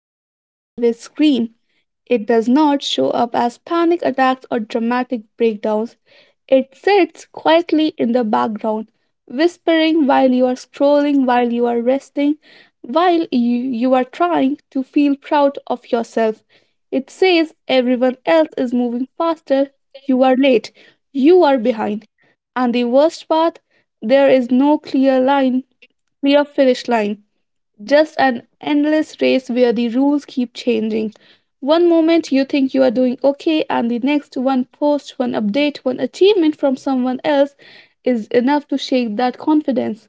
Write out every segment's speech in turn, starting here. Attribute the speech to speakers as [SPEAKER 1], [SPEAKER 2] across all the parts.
[SPEAKER 1] does not always scream. It does not show up as panic attacks or dramatic breakdowns. It sits quietly in the background, whispering while you are scrolling, while you are resting, while you are trying to feel proud of yourself. It says everyone else is moving faster, you are late, you are behind. And the worst part, there is no clear finish line just an endless race where the rules keep changing. One moment you think you are doing okay, and the next one post, one update, one achievement from someone else is enough to shake that confidence.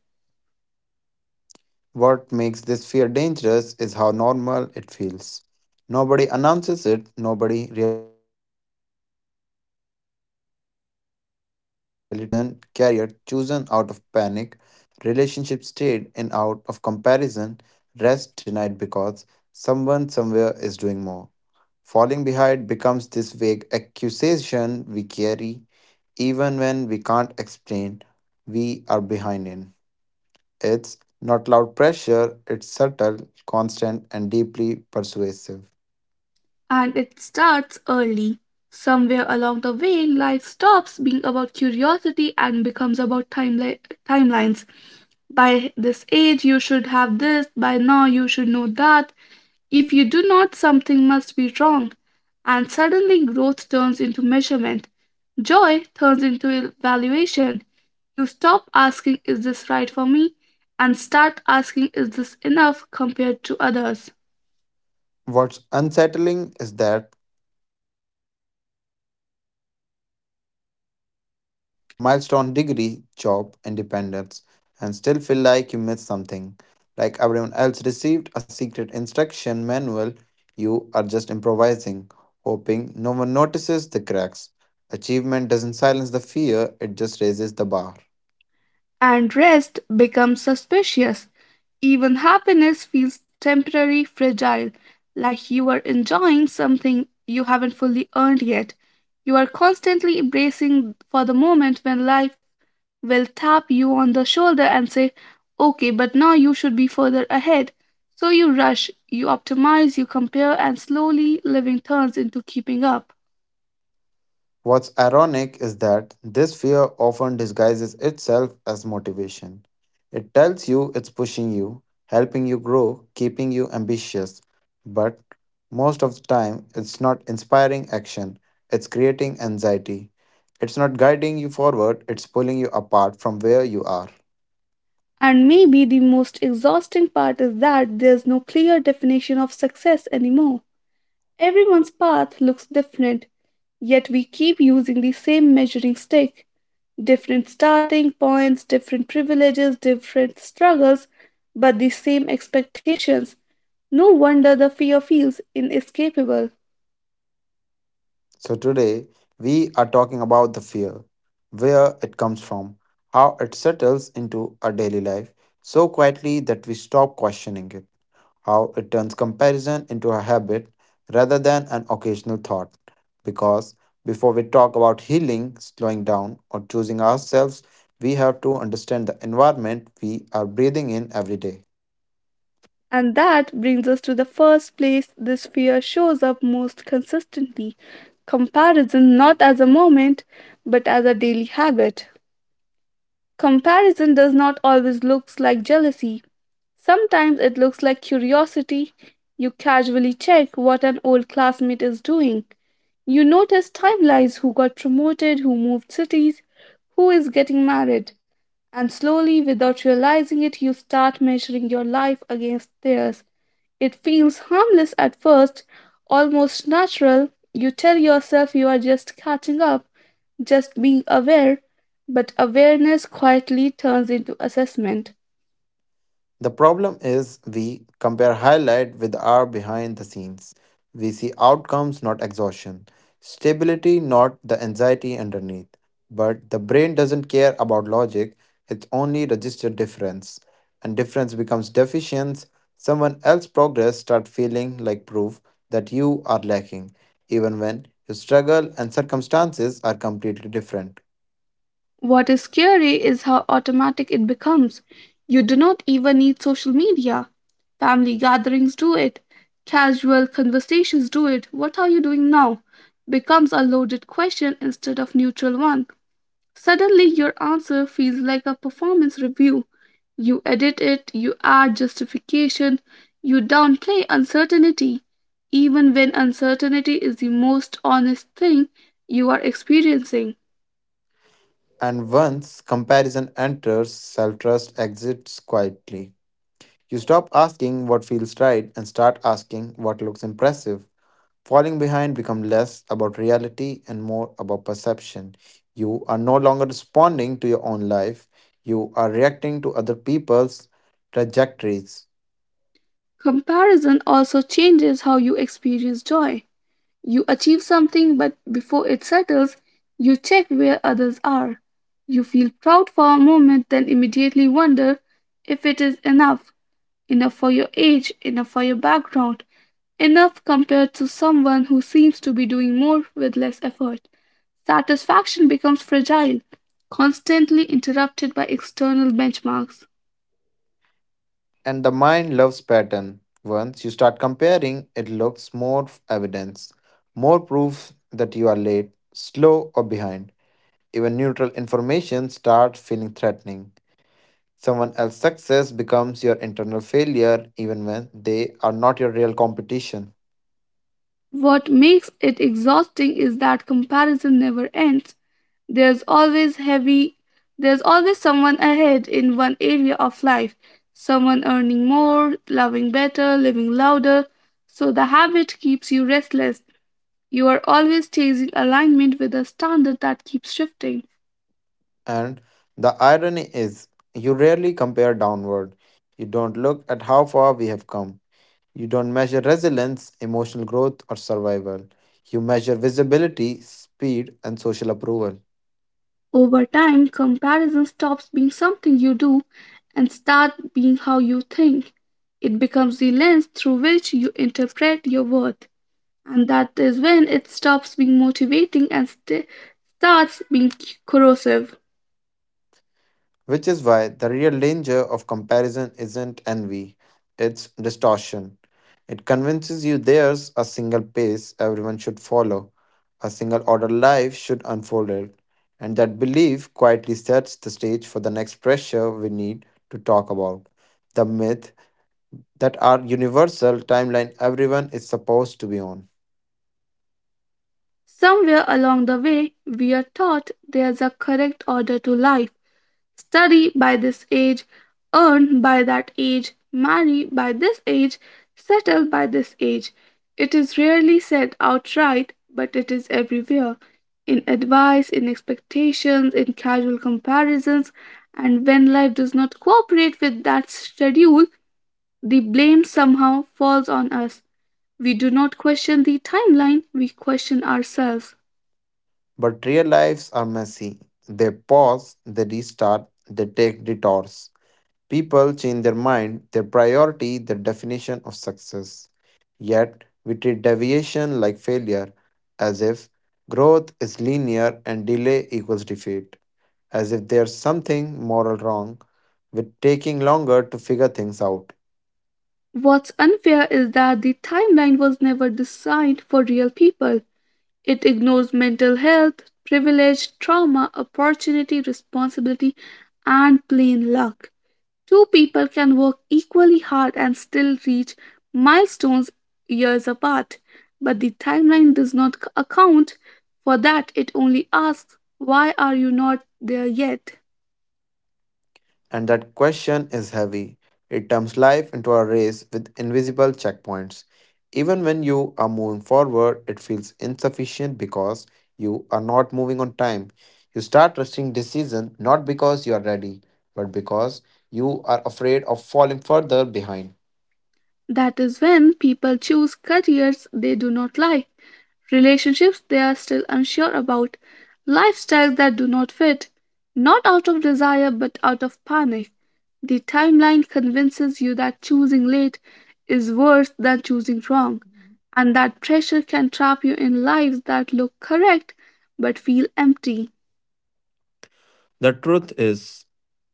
[SPEAKER 2] what makes this fear dangerous is how normal it feels. Nobody announces it, nobody really talks about it openly. But it shapes decision, career chosen out of panic, relationship stayed in out of comparison, rest denied because someone somewhere is doing more. Falling behind becomes this vague accusation we carry even when we can't explain we are behind in. It's not loud pressure, it's subtle, constant, and deeply persuasive.
[SPEAKER 1] And it starts early. Somewhere along the way, life stops being about curiosity and becomes about timelines. By this age, you should have this, by now, you should know that. If you do not, something must be wrong. And suddenly growth turns into measurement. Joy turns into valuation. You stop asking, is this right for me? And start asking, is this enough compared to others?
[SPEAKER 2] What's unsettling is that it doesn't matter how much you achieve. You can tick off milestone, degree, job, independence, and still feel like you missed something. Like everyone else received a secret instruction manual, you are just improvising, hoping no one notices the cracks. Achievement doesn't silence the fear, it just raises the bar.
[SPEAKER 1] And rest becomes suspicious. Even happiness feels temporary, fragile, like you are enjoying something you haven't fully earned yet. You are constantly bracing for the moment when life will tap you on the shoulder and say, okay, but now you should be further ahead. So you rush, you optimize, you compare, and slowly living turns into keeping up.
[SPEAKER 2] What's ironic is that this fear often disguises itself as motivation. It tells you it's pushing you, helping you grow, keeping you ambitious, but most of the time it's not inspiring action, it's creating anxiety. It's not guiding you forward, it's pulling you apart from where you are.
[SPEAKER 1] And maybe the most exhausting part is that there's no clear definition of success anymore. Everyone's path looks different, yet we keep using the same measuring stick. Different starting points, different privileges, different struggles, but the same expectations. No wonder the fear feels inescapable.
[SPEAKER 2] So today we are talking about the fear, where it comes from, how it settles into our daily life so quietly that we stop questioning it, how it turns comparison into a habit rather than an occasional thought. Because before we talk about healing, slowing down, or choosing ourselves, we have to understand the environment we are breathing in every day.
[SPEAKER 1] And that brings us to the first place this fear shows up most consistently, comparison not as a moment, but as a daily habit. Comparison does not always look like jealousy, sometimes it looks like curiosity. You casually check what an old classmate is doing. You notice timelines, who got promoted, who moved cities, who is getting married. And slowly, without realizing it, you start measuring your life against theirs. It feels harmless at first, almost natural. You tell yourself you are just catching up, just being aware, but awareness quietly turns into assessment.
[SPEAKER 2] The problem is we compare highlight with our behind the scenes. We see outcomes, not exhaustion, stability, not the anxiety underneath. But the brain doesn't care about logic, it's only register difference. And difference becomes deficient. Someone else's progress start feeling like proof that you are lacking, even when your struggle and circumstances are completely different.
[SPEAKER 1] What is scary is how automatic it becomes. You do not even need social media. Family gatherings do it, casual conversations do it. What are you doing now? Becomes a loaded question instead of neutral one. Suddenly your answer feels like a performance review. You edit it, you add justification, you downplay uncertainty. Even when uncertainty is the most honest thing you are experiencing.
[SPEAKER 2] And once comparison enters, self trust exits quietly. You stop asking what feels right and start asking what looks impressive. Falling behind becomes less about reality and more about perception. You are no longer responding to your own life, you are reacting to other people's trajectories.
[SPEAKER 1] Comparison also changes how you experience joy. You achieve something, but before it settles, you check where others are. You feel proud for a moment, then immediately wonder if it is enough, enough for your age, enough for your background, enough compared to someone who seems to be doing more with less effort. Satisfaction becomes fragile, constantly interrupted by external benchmarks.
[SPEAKER 2] And the mind loves pattern. Once you start comparing, it looks more evidence, more proof that you are late, slow, or behind. Even neutral information starts feeling threatening. Someone else's success becomes your internal failure even when they are not your real competition.
[SPEAKER 1] What makes it exhausting is that comparison never ends. There's always heavy there's always someone ahead in one area of life, someone earning more, loving better, living louder. So the habit keeps you restless. You are always chasing alignment with a standard that keeps shifting.
[SPEAKER 2] And the irony is, you rarely compare downward. You don't look at how far we have come. You don't measure resilience, emotional growth, or survival. You measure visibility, speed, and social approval.
[SPEAKER 1] Over time, comparison stops being something you do and start being how you think. It becomes the lens through which you interpret your worth. And that is when it stops being motivating and starts being corrosive.
[SPEAKER 2] Which is why the real danger of comparison isn't envy, it's distortion. It convinces you there's a single pace everyone should follow, a single order life should unfold it, and that belief quietly sets the stage for the next pressure we need to talk about: the myth that our universal timeline everyone is supposed to be on.
[SPEAKER 1] Somewhere along the way, we are taught there's a correct order to life, study by this age, earn by that age, marry by this age, settle by this age. It is rarely said outright, but it is everywhere, in advice, in expectations, in casual comparisons, and when life does not cooperate with that schedule, the blame somehow falls on us. We do not question the timeline, we question ourselves.
[SPEAKER 2] But real lives are messy. They pause, they restart, they take detours. People change their mind, their priority, their definition of success. Yet, we treat deviation like failure, as if growth is linear and delay equals defeat, as if there's something moral wrong with taking longer to figure things out.
[SPEAKER 1] What's unfair is that the timeline was never designed for real people. It ignores mental health, privilege, trauma, opportunity, responsibility, and plain luck. Two people can work equally hard and still reach milestones years apart, but the timeline does not account for that. It only asks, why are you not there yet?
[SPEAKER 2] And that question is heavy. It turns life into a race with invisible checkpoints. Even when you are moving forward, it feels insufficient because you are not moving on time. You start rushing decision not because you are ready, but because you are afraid of falling further behind.
[SPEAKER 1] That is when people choose careers they do not like, relationships they are still unsure about, lifestyles that do not fit, not out of desire but out of panic. The timeline convinces you that choosing late is worse than choosing wrong, and that pressure can trap you in lives that look correct but feel empty.
[SPEAKER 2] The truth is,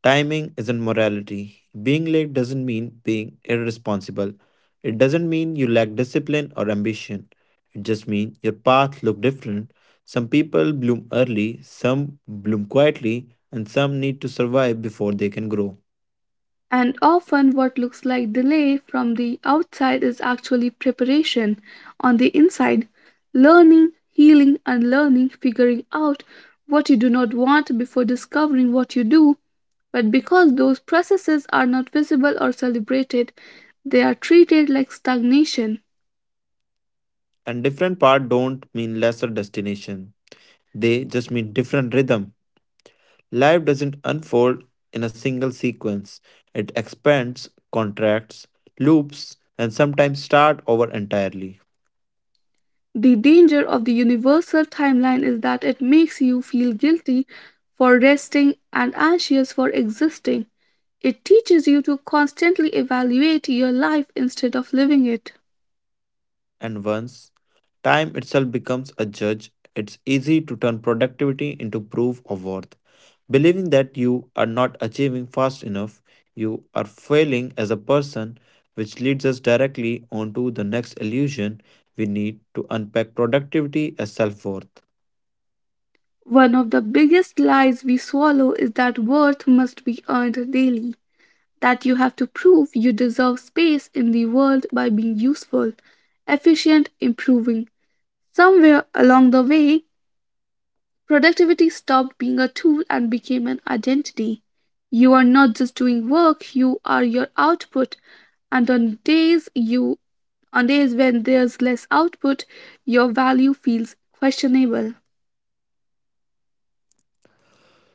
[SPEAKER 2] timing isn't morality. Being late doesn't mean being irresponsible. It doesn't mean you lack discipline or ambition. It just means your path look different. Some people bloom early, some bloom quietly, and some need to survive before they can grow.
[SPEAKER 1] And often, what looks like delay from the outside is actually preparation on the inside, learning, healing, unlearning, figuring out what you do not want before discovering what you do. But because those processes are not visible or celebrated, they are treated like stagnation.
[SPEAKER 2] And different path don't mean lesser destination. They just mean different rhythm. Life doesn't unfold in a single sequence, it expands, contracts, loops, and sometimes starts over entirely.
[SPEAKER 1] The danger of the universal timeline is that it makes you feel guilty for resting and anxious for existing. It teaches you to constantly evaluate your life instead of living it.
[SPEAKER 2] And once time itself becomes a judge, it's easy to turn productivity into proof of worth, believing that you are not achieving fast enough, you are failing as a person, which leads us directly onto the next illusion we need to unpack: productivity as self worth.
[SPEAKER 1] One of the biggest lies we swallow is that worth must be earned daily, that you have to prove you deserve space in the world by being useful, efficient, improving. Somewhere along the way, productivity stopped being a tool and became an identity. You are not just doing work, you are your output. And on days when there's less output, your value feels questionable.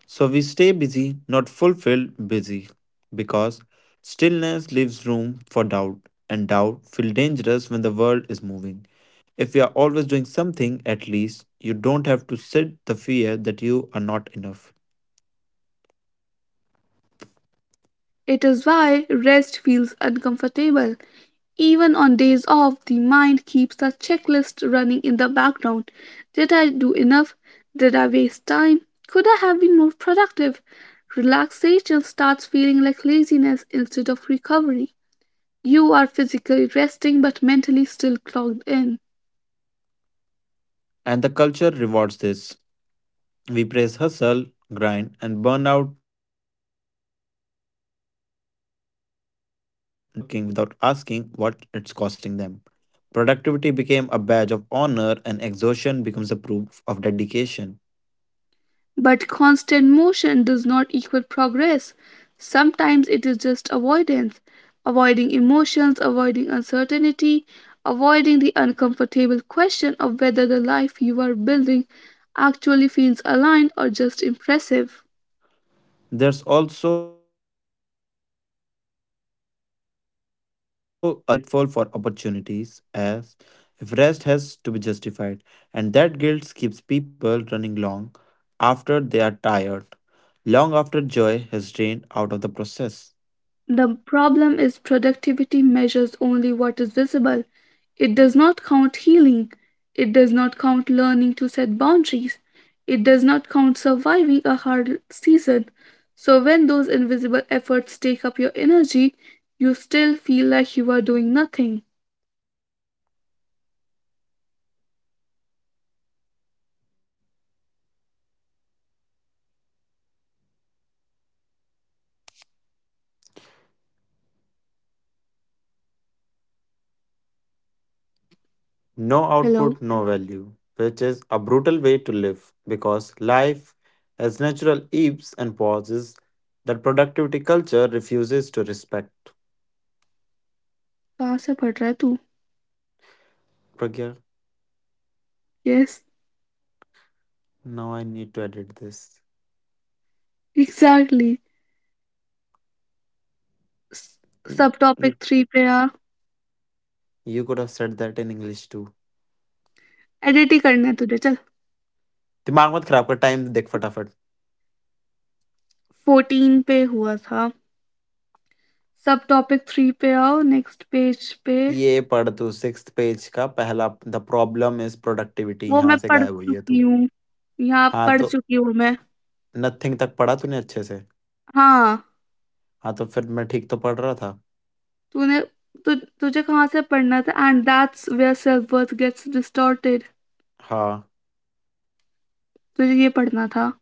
[SPEAKER 2] So we stay busy, not fulfilled busy, because stillness leaves room for doubt, and doubt feels dangerous when the world is moving. If you are always doing something, at least you don't have to sit the fear that you are not enough.
[SPEAKER 1] It is why rest feels uncomfortable. Even on days off, the mind keeps a checklist running in the background. Did I do enough? Did I waste time? Could I have been more productive? Relaxation starts feeling like laziness instead of recovery. You are physically resting but mentally still clogged in.
[SPEAKER 2] And the culture rewards this. We praise hustle, grind, and burnout disguised as ambition. We celebrate people who are always working without asking what it's costing them. Productivity became a badge of honor, and exhaustion becomes a proof of dedication.
[SPEAKER 1] But constant motion does not equal progress. Sometimes it is just avoidance, avoiding emotions, avoiding uncertainty, avoiding the uncomfortable question of whether the life you are building actually feels aligned or just impressive.
[SPEAKER 2] There's also a guilt tied to slowing down, as if pausing means you are ungrateful for opportunities, as if rest has to be justified, and that guilt keeps people running long after they are tired, long after joy has drained out of the process.
[SPEAKER 1] The problem is productivity measures only what is visible. It does not count healing. It does not count learning to set boundaries. It does not count surviving a hard season. So, when those invisible efforts take up your energy, you still feel like you are doing nothing.
[SPEAKER 2] No
[SPEAKER 1] Hello?
[SPEAKER 2] output, no value, which is a brutal way to live because life has natural ebbs and pauses that productivity culture refuses to respect.
[SPEAKER 1] कहाँ से पढ़ रहा है तू?
[SPEAKER 2] Pragya?
[SPEAKER 1] Yes,
[SPEAKER 2] Now I need to edit this.
[SPEAKER 1] exactly. सब topic
[SPEAKER 2] You, you,
[SPEAKER 1] three पे आ.
[SPEAKER 2] you could have said that in English too.
[SPEAKER 1] Edit ही करना है तुझे, चल.
[SPEAKER 2] दिमाग मत खराब कर टाइम देख फटाफट
[SPEAKER 1] फोर्टीन पे हुआ था. सब टॉपिक 3 पे आओ, नेक्स्ट पेज पे.
[SPEAKER 2] ये पढ़ तू सिक्स्थ पेज का पहला द प्रॉब्लम इज प्रोडक्टिविटी
[SPEAKER 1] वो मैं
[SPEAKER 2] यहाँ से
[SPEAKER 1] पढ़
[SPEAKER 2] गायब हुई है
[SPEAKER 1] चुकी
[SPEAKER 2] तू।
[SPEAKER 1] हूँ। यहाँ
[SPEAKER 2] हाँ
[SPEAKER 1] पढ़
[SPEAKER 2] तो
[SPEAKER 1] चुकी हूँ मैं।
[SPEAKER 2] नथिंग तक पढ़ा तूने अच्छे से।
[SPEAKER 1] हाँ,
[SPEAKER 2] हाँ तो फिर मैं ठीक तो पढ़ रहा था।
[SPEAKER 1] तूने तु तुझे कहाँ से पढ़ना था? And that's where self worth gets distorted.
[SPEAKER 2] हाँ
[SPEAKER 1] तुझे ये पढ़ना था।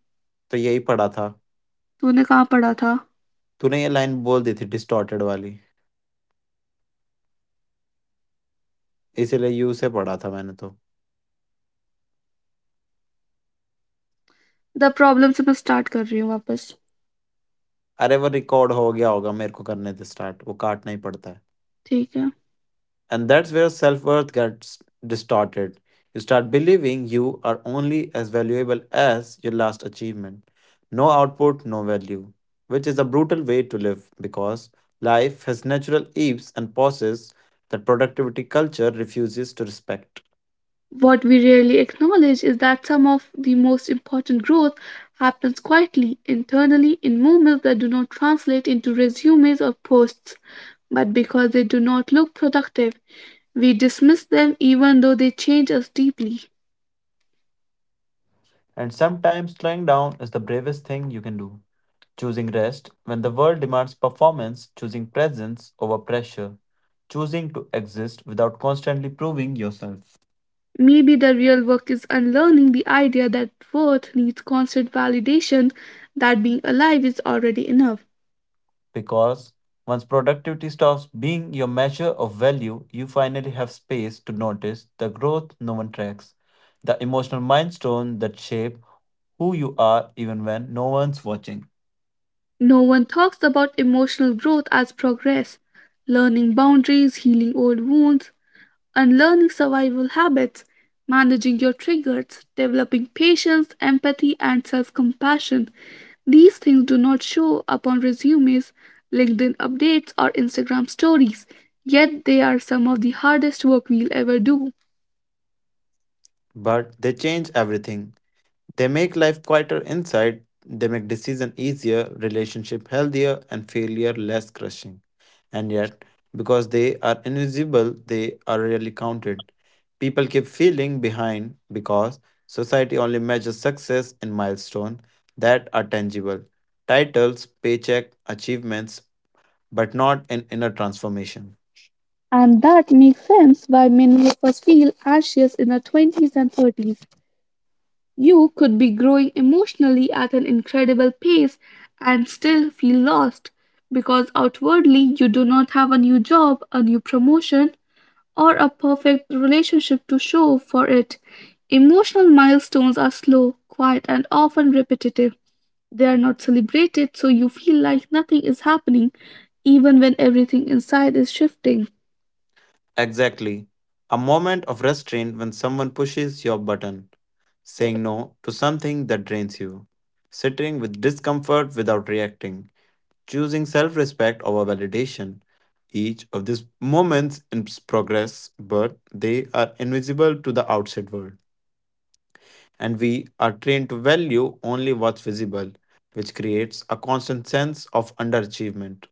[SPEAKER 2] तो यही पढ़ा था।
[SPEAKER 1] तूने कहाँ पढ़ा था?
[SPEAKER 2] तूने ये लाइन बोल दी थी डिस्टॉर्टेड वाली, इसीलिए यू से पढ़ा था मैंने तो।
[SPEAKER 1] द प्रॉब्लम से मैं स्टार्ट कर रही हूँ वापस।
[SPEAKER 2] अरे वो रिकॉर्ड हो गया होगा, मेरे को करने थे स्टार्ट, वो काटना ही पड़ता है।
[SPEAKER 1] ठीक है।
[SPEAKER 2] And that's where self worth gets distorted. You start believing you are only as valuable as your last achievement. No output, no value, which is a brutal way to live because life has natural ebbs and pauses that productivity culture refuses to respect.
[SPEAKER 1] What we rarely acknowledge is that some of the most important growth happens quietly, internally, in moments that do not translate into resumes or posts, but because they do not look productive, we dismiss them even though they change us deeply.
[SPEAKER 2] And sometimes slowing down is the bravest thing you can do. Choosing rest when the world demands performance, choosing presence over pressure, choosing to exist without constantly proving yourself.
[SPEAKER 1] Maybe the real work is unlearning the idea that worth needs constant validation, that being alive is already enough.
[SPEAKER 2] Because once productivity stops being your measure of value, you finally have space to notice the growth no one tracks, the emotional milestone that shape who you are even when no one's watching.
[SPEAKER 1] No one talks about emotional growth as progress, learning boundaries, healing old wounds, and learning survival habits, managing your triggers, developing patience, empathy, and self compassion. These things do not show up on resumes, LinkedIn updates, or Instagram stories, yet they are some of the hardest work we'll ever do.
[SPEAKER 2] But they change everything. They make life quieter inside, they make decision easier, relationship healthier, and failure less crushing. And yet, because they are invisible, they are rarely counted. People keep feeling behind because society only measures success in milestones that are tangible: titles, paycheck, achievements, but not in inner transformation.
[SPEAKER 1] And that makes sense why many of us feel anxious in our 20s and 30s. You could be growing emotionally at an incredible pace and still feel lost because outwardly you do not have a new job, a new promotion, or a perfect relationship to show for it. Emotional milestones are slow, quiet, and often repetitive. They are not celebrated, so you feel like nothing is happening even when everything inside is shifting.
[SPEAKER 2] Exactly. A moment of restraint when someone pushes your button, saying no to something that drains you, sitting with discomfort without reacting, choosing self respect over validation. Each of these moments in progress, but they are invisible to the outside world. And we are trained to value only what's visible, which creates a constant sense of underachievement.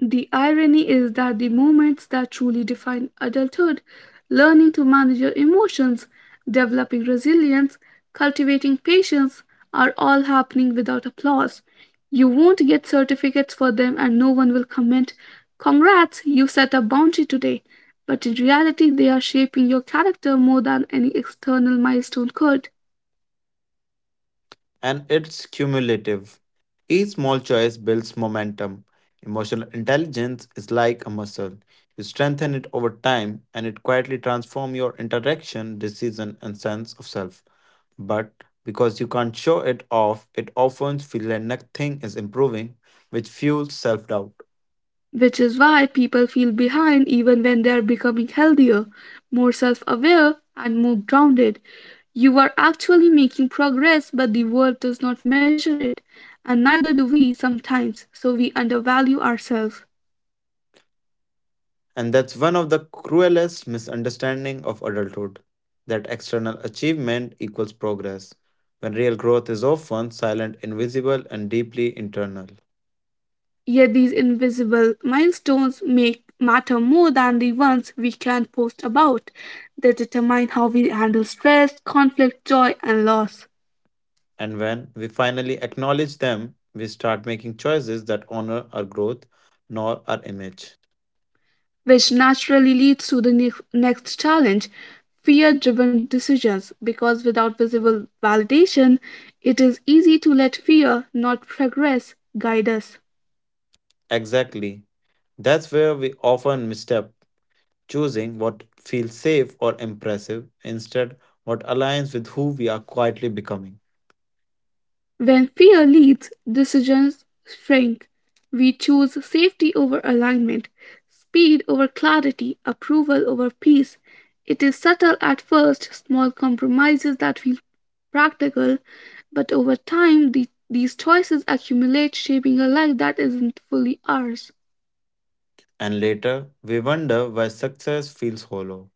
[SPEAKER 1] The irony is that the moments that truly define adulthood, learning to manage your emotions, developing resilience, cultivating patience, are all happening without applause. You won't get certificates for them, and no one will comment, congrats, you set a boundary today. But in reality, they are shaping your character more than any external milestone could.
[SPEAKER 2] And it's cumulative. Each small choice builds momentum. Emotional intelligence is like a muscle. You strengthen it over time and it quietly transforms your interaction, decision, and sense of self. But because you can't show it off, it often feels like nothing is improving, which fuels self doubt.
[SPEAKER 1] Which is why people feel behind even when they are becoming healthier, more self aware, and more grounded. You are actually making progress, but the world does not measure it, and neither do we sometimes, so we undervalue ourselves.
[SPEAKER 2] And that's one of the cruelest misunderstanding of adulthood, that external achievement equals progress, when real growth is often silent, invisible, and deeply internal.
[SPEAKER 1] Yet these invisible milestones make matter more than the ones we can post about. They determine how we handle stress, conflict, joy, and loss.
[SPEAKER 2] And when we finally acknowledge them, we start making choices that honor our growth, nor our image.
[SPEAKER 1] Which naturally leads to the next challenge, fear driven decisions. Because without visible validation, it is easy to let fear, not progress, guide us.
[SPEAKER 2] Exactly. That's where we often misstep, choosing what feels safe or impressive instead what aligns with who we are quietly becoming.
[SPEAKER 1] When fear leads, decisions shrink. We choose safety over alignment, speed over clarity, approval over peace. It is subtle at first, small compromises that feel practical, but over time, these choices accumulate, shaping a life that isn't fully ours.
[SPEAKER 2] And later, we wonder why success feels hollow,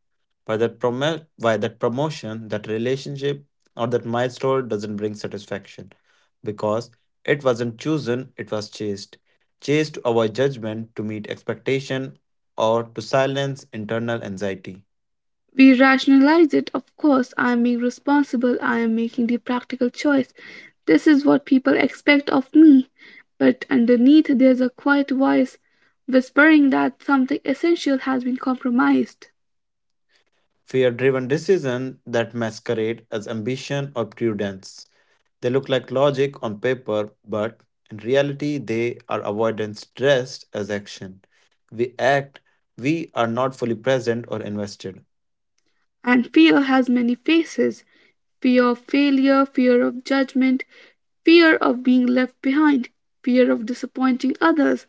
[SPEAKER 2] why that promotion, that relationship, or that milestone doesn't bring satisfaction. Because it wasn't chosen, it was chased. Chased to avoid judgment, to meet expectation, or to silence internal anxiety.
[SPEAKER 1] We rationalize it, of course, I am being responsible, I am making the practical choice, this is what people expect of me. But underneath, there's a quiet voice whispering that something essential has been compromised.
[SPEAKER 2] Fear driven decision that masquerade as ambition or prudence. They look like logic on paper, but in reality, they are avoidance dressed as action. We act, we are not fully present or invested.
[SPEAKER 1] And fear has many faces. Fear of failure, fear of judgment, fear of being left behind, fear of disappointing others.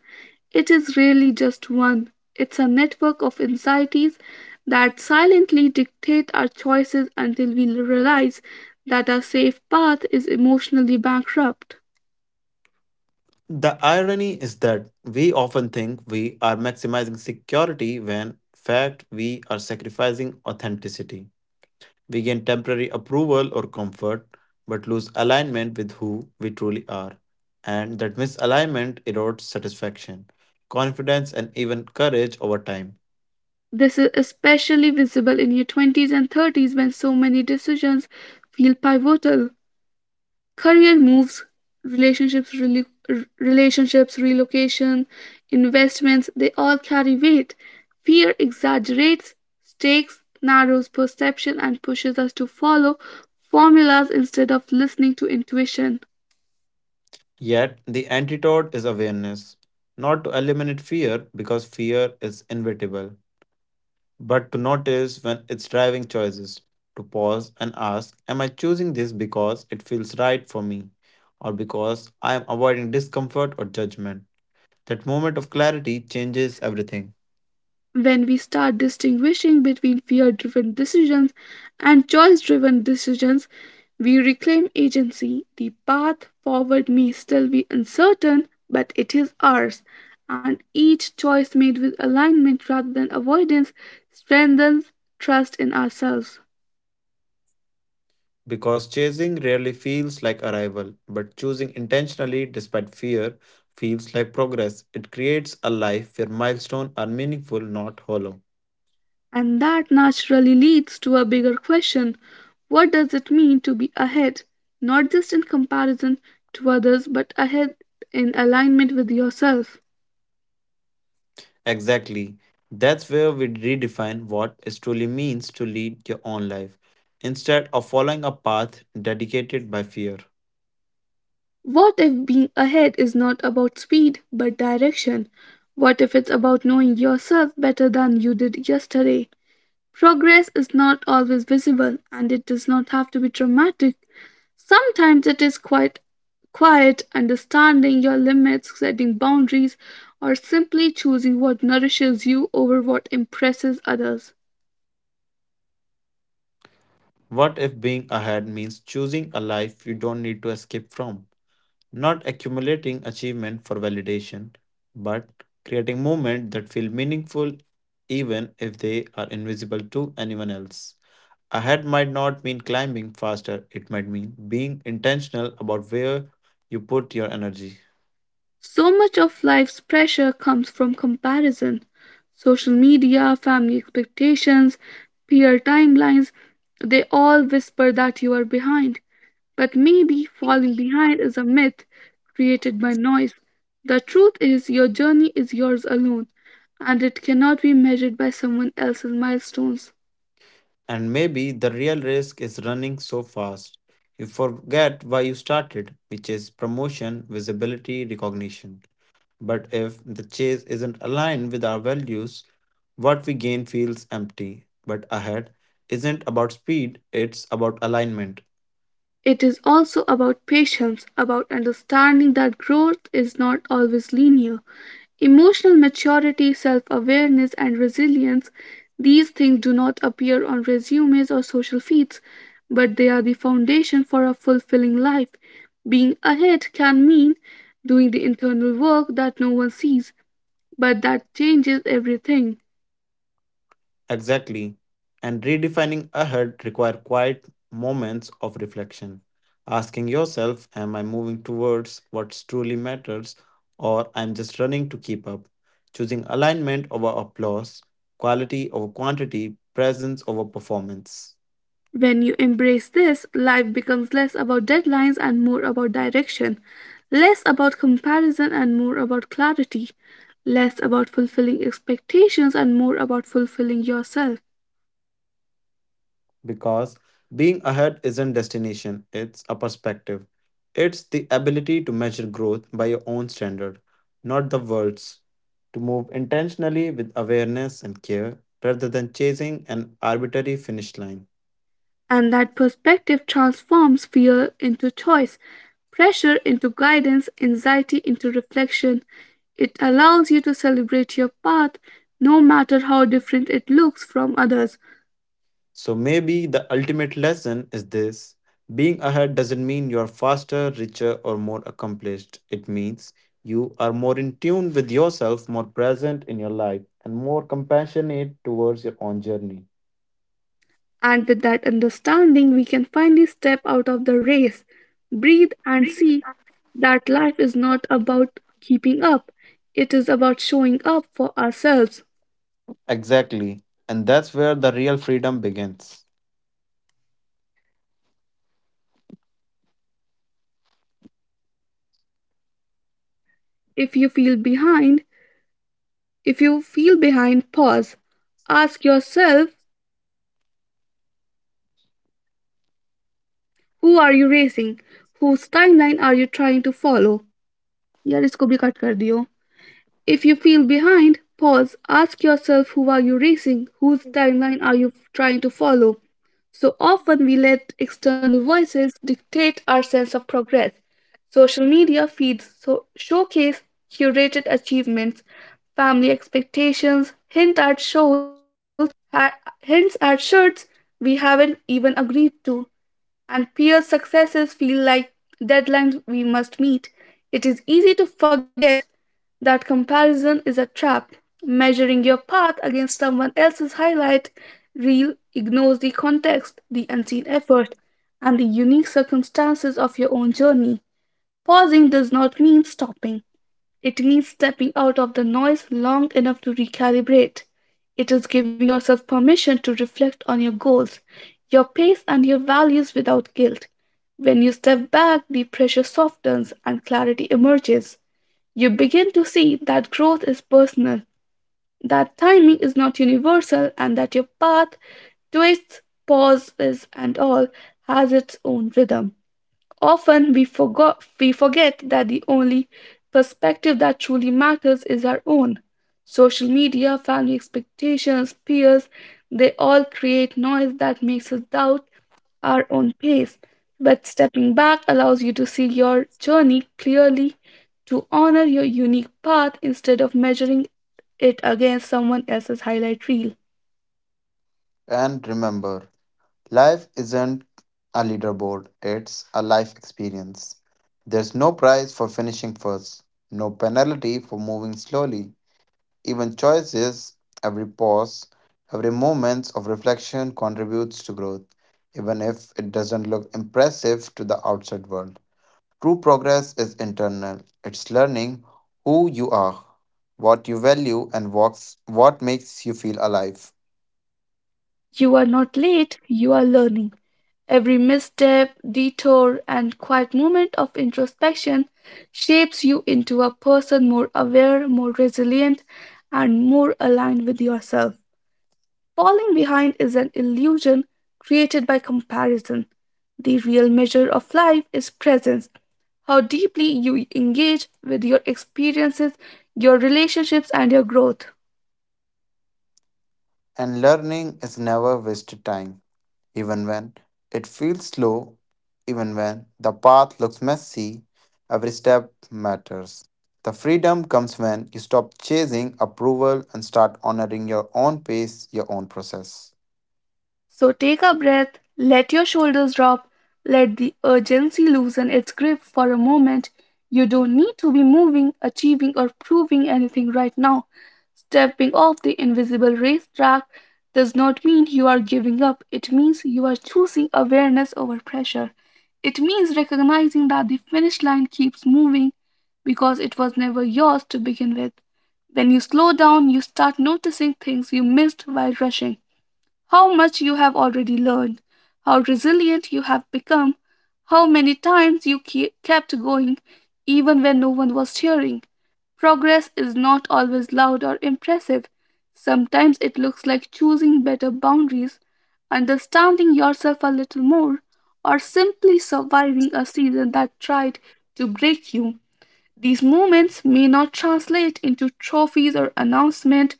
[SPEAKER 1] It is really just one. It's a network of anxieties that silently dictate our choices until we realize that our safe path is emotionally bankrupt.
[SPEAKER 2] The irony is that we often think we are maximizing security when, in fact, we are sacrificing authenticity. We gain temporary approval or comfort, but lose alignment with who we truly are. And that misalignment erodes satisfaction, confidence, and even courage over time.
[SPEAKER 1] This is especially visible in your 20s and 30s, when so many decisions feel pivotal. Career moves, relationships, relocation, investments, they all carry weight. Fear exaggerates stakes, narrows perception, and pushes us to follow formulas instead of listening to intuition.
[SPEAKER 2] Yet, the antidote is awareness, not to eliminate fear because fear is inevitable, but to notice when it's driving choices, to pause and ask, am I choosing this because it feels right for me, or because I am avoiding discomfort or judgment? That moment of clarity changes everything,
[SPEAKER 1] When we start distinguishing between fear driven decisions and choice driven decisions, we reclaim agency. The path forward may still be uncertain, but it is ours, and each choice made with alignment rather than avoidance strengthens trust in ourselves.
[SPEAKER 2] because chasing rarely feels like arrival, but choosing intentionally despite fear feels like progress. It creates a life where milestones are meaningful, not hollow.
[SPEAKER 1] And that naturally leads to a bigger question: what does it mean to be ahead, not just in comparison to others, but ahead in alignment with yourself?
[SPEAKER 2] Exactly. That's where we redefine what it truly means to lead your own life, instead of following a path dedicated by fear.
[SPEAKER 1] What if being ahead is not about speed but direction? What if it's about knowing yourself better than you did yesterday? Progress is not always visible, and it does not have to be dramatic. Sometimes it is quite quiet: understanding your limits, setting boundaries, or simply choosing what nourishes you over what impresses others.
[SPEAKER 2] What if being ahead means choosing a life you don't need to escape from? Not accumulating achievement for validation, but creating moments that feel meaningful even if they are invisible to anyone else. Ahead might not mean climbing faster, it might mean being intentional about where you put your energy.
[SPEAKER 1] So much of life's pressure comes from comparison. Social media, family expectations, peer timelines, they all whisper that you are behind. But maybe falling behind is a myth created by noise. The truth is, your journey is yours alone, and it cannot be measured by someone else's milestones.
[SPEAKER 2] And maybe the real risk is running so fast. You forget why you started, which is promotion, visibility, recognition. But if the chase isn't aligned with our values, what we gain feels empty. But ahead isn't about speed, it's about alignment.
[SPEAKER 1] It is also about patience, about understanding that growth is not always linear. Emotional maturity, self awareness, and resilience, these things do not appear on resumes or social feeds, but they are the foundation for a fulfilling life. Being ahead can mean doing the internal work that no one sees, but that changes everything.
[SPEAKER 2] Exactly. And redefining ahead require quiet moments of reflection. Asking yourself, am I moving towards what truly matters or I'm just running to keep up? Choosing alignment over applause, quality over quantity, presence over performance.
[SPEAKER 1] When you embrace this, life becomes less about deadlines and more about direction, less about comparison and more about clarity, less about fulfilling expectations and more about fulfilling yourself.
[SPEAKER 2] Because being ahead isn't destination, it's a perspective. It's the ability to measure growth by your own standard, not the world's, to move intentionally with awareness and care rather than chasing an arbitrary finish line.
[SPEAKER 1] And that perspective transforms fear into choice, pressure into guidance, anxiety into reflection. It allows you to celebrate your path no matter how different it looks from others.
[SPEAKER 2] So maybe the ultimate lesson is this. Being ahead doesn't mean you're faster, richer, or more accomplished. It means you are more in tune with yourself, more present in your life, and more compassionate towards your own journey.
[SPEAKER 1] And with that understanding, we can finally step out of the race, breathe, and see that life is not about keeping up, it is about showing up for ourselves.
[SPEAKER 2] Exactly. And that's where the real freedom begins.
[SPEAKER 1] If you feel behind, if you feel behind, pause. Ask yourself: who are you racing? Whose timeline are you trying to follow? यार इसको भी cut कर दियो. If you feel behind, pause, ask yourself who are you racing, whose timeline are you trying to follow. So often we let external voices dictate our sense of progress. Social media feeds so showcase curated achievements, family expectations hint at shows, ha- hints at shirts we haven't even agreed to, and peer successes feel like deadlines we must meet. It is easy to forget that comparison is a trap. Measuring your path against someone else's highlight reel ignores the context, the unseen effort, and the unique circumstances of your own journey. Pausing does not mean stopping. It means stepping out of the noise long enough to recalibrate. It is giving yourself permission to reflect on your goals, your pace, and your values without guilt. When you step back, the pressure softens and clarity emerges. You begin to see that growth is personal, that timing is not universal, and that your path, twists, pauses, and all, has its own rhythm. Often we forget that the only perspective that truly matters is our own. Social media, family expectations, peers, they all create noise that makes us doubt our own pace. But stepping back allows you to see your journey clearly, to honor your unique path instead of measuring it against someone else's highlight reel.
[SPEAKER 2] And remember, life isn't a leaderboard, it's a life experience. There's no prize for finishing first, no penalty for moving slowly. Even choices, every pause, every moment of reflection contributes to growth, even if it doesn't look impressive to the outside world. True progress is internal. It's learning who you are, what you value, and what makes you feel alive.
[SPEAKER 1] You are not late, you are learning. Every misstep, detour, and quiet moment of introspection shapes you into a person more aware, more resilient, and more aligned with yourself. Falling behind is an illusion created by comparison. The real measure of life is presence: how deeply you engage with your experiences, your relationships, and your growth.
[SPEAKER 2] And learning is never wasted time, even when it feels slow, even when the path looks messy, every step matters. The freedom comes when you stop chasing approval and start honoring your own pace, your own process.
[SPEAKER 1] So take a breath, let your shoulders drop, let the urgency loosen its grip for a moment. You don't need to be moving, achieving, or proving anything right now. Stepping off the invisible racetrack does not mean you are giving up, it means you are choosing awareness over pressure. It means recognizing that the finish line keeps moving because it was never yours to begin with. When you slow down, you start noticing things you missed while rushing: how much you have already learned, how resilient you have become, how many times you kept going even when no one was cheering. Progress is not always loud or impressive. Sometimes it looks like choosing better boundaries, understanding yourself a little more, or simply surviving a season that tried to break you. These moments may not translate into trophies or announcements,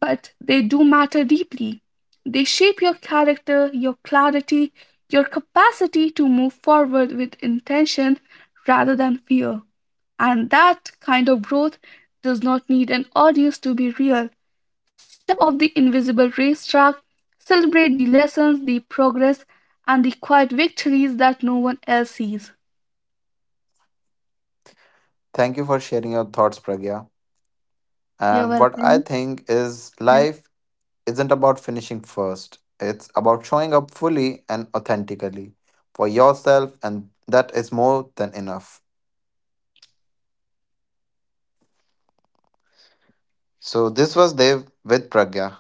[SPEAKER 1] but they do matter deeply. They shape your character, your clarity, your capacity to move forward with intention rather than fear. And that kind of growth does not need an audience to be real. Step off the invisible racetrack, celebrate the lessons, the progress, and the quiet victories that no one else sees.
[SPEAKER 2] Thank you for sharing your thoughts, Pragya.
[SPEAKER 1] You're
[SPEAKER 2] And what I
[SPEAKER 1] welcome.
[SPEAKER 2] think is
[SPEAKER 1] Yes.
[SPEAKER 2] life isn't about finishing first. It's about showing up fully and authentically for yourself, and that is more than enough. So, this was Dev with Pragya.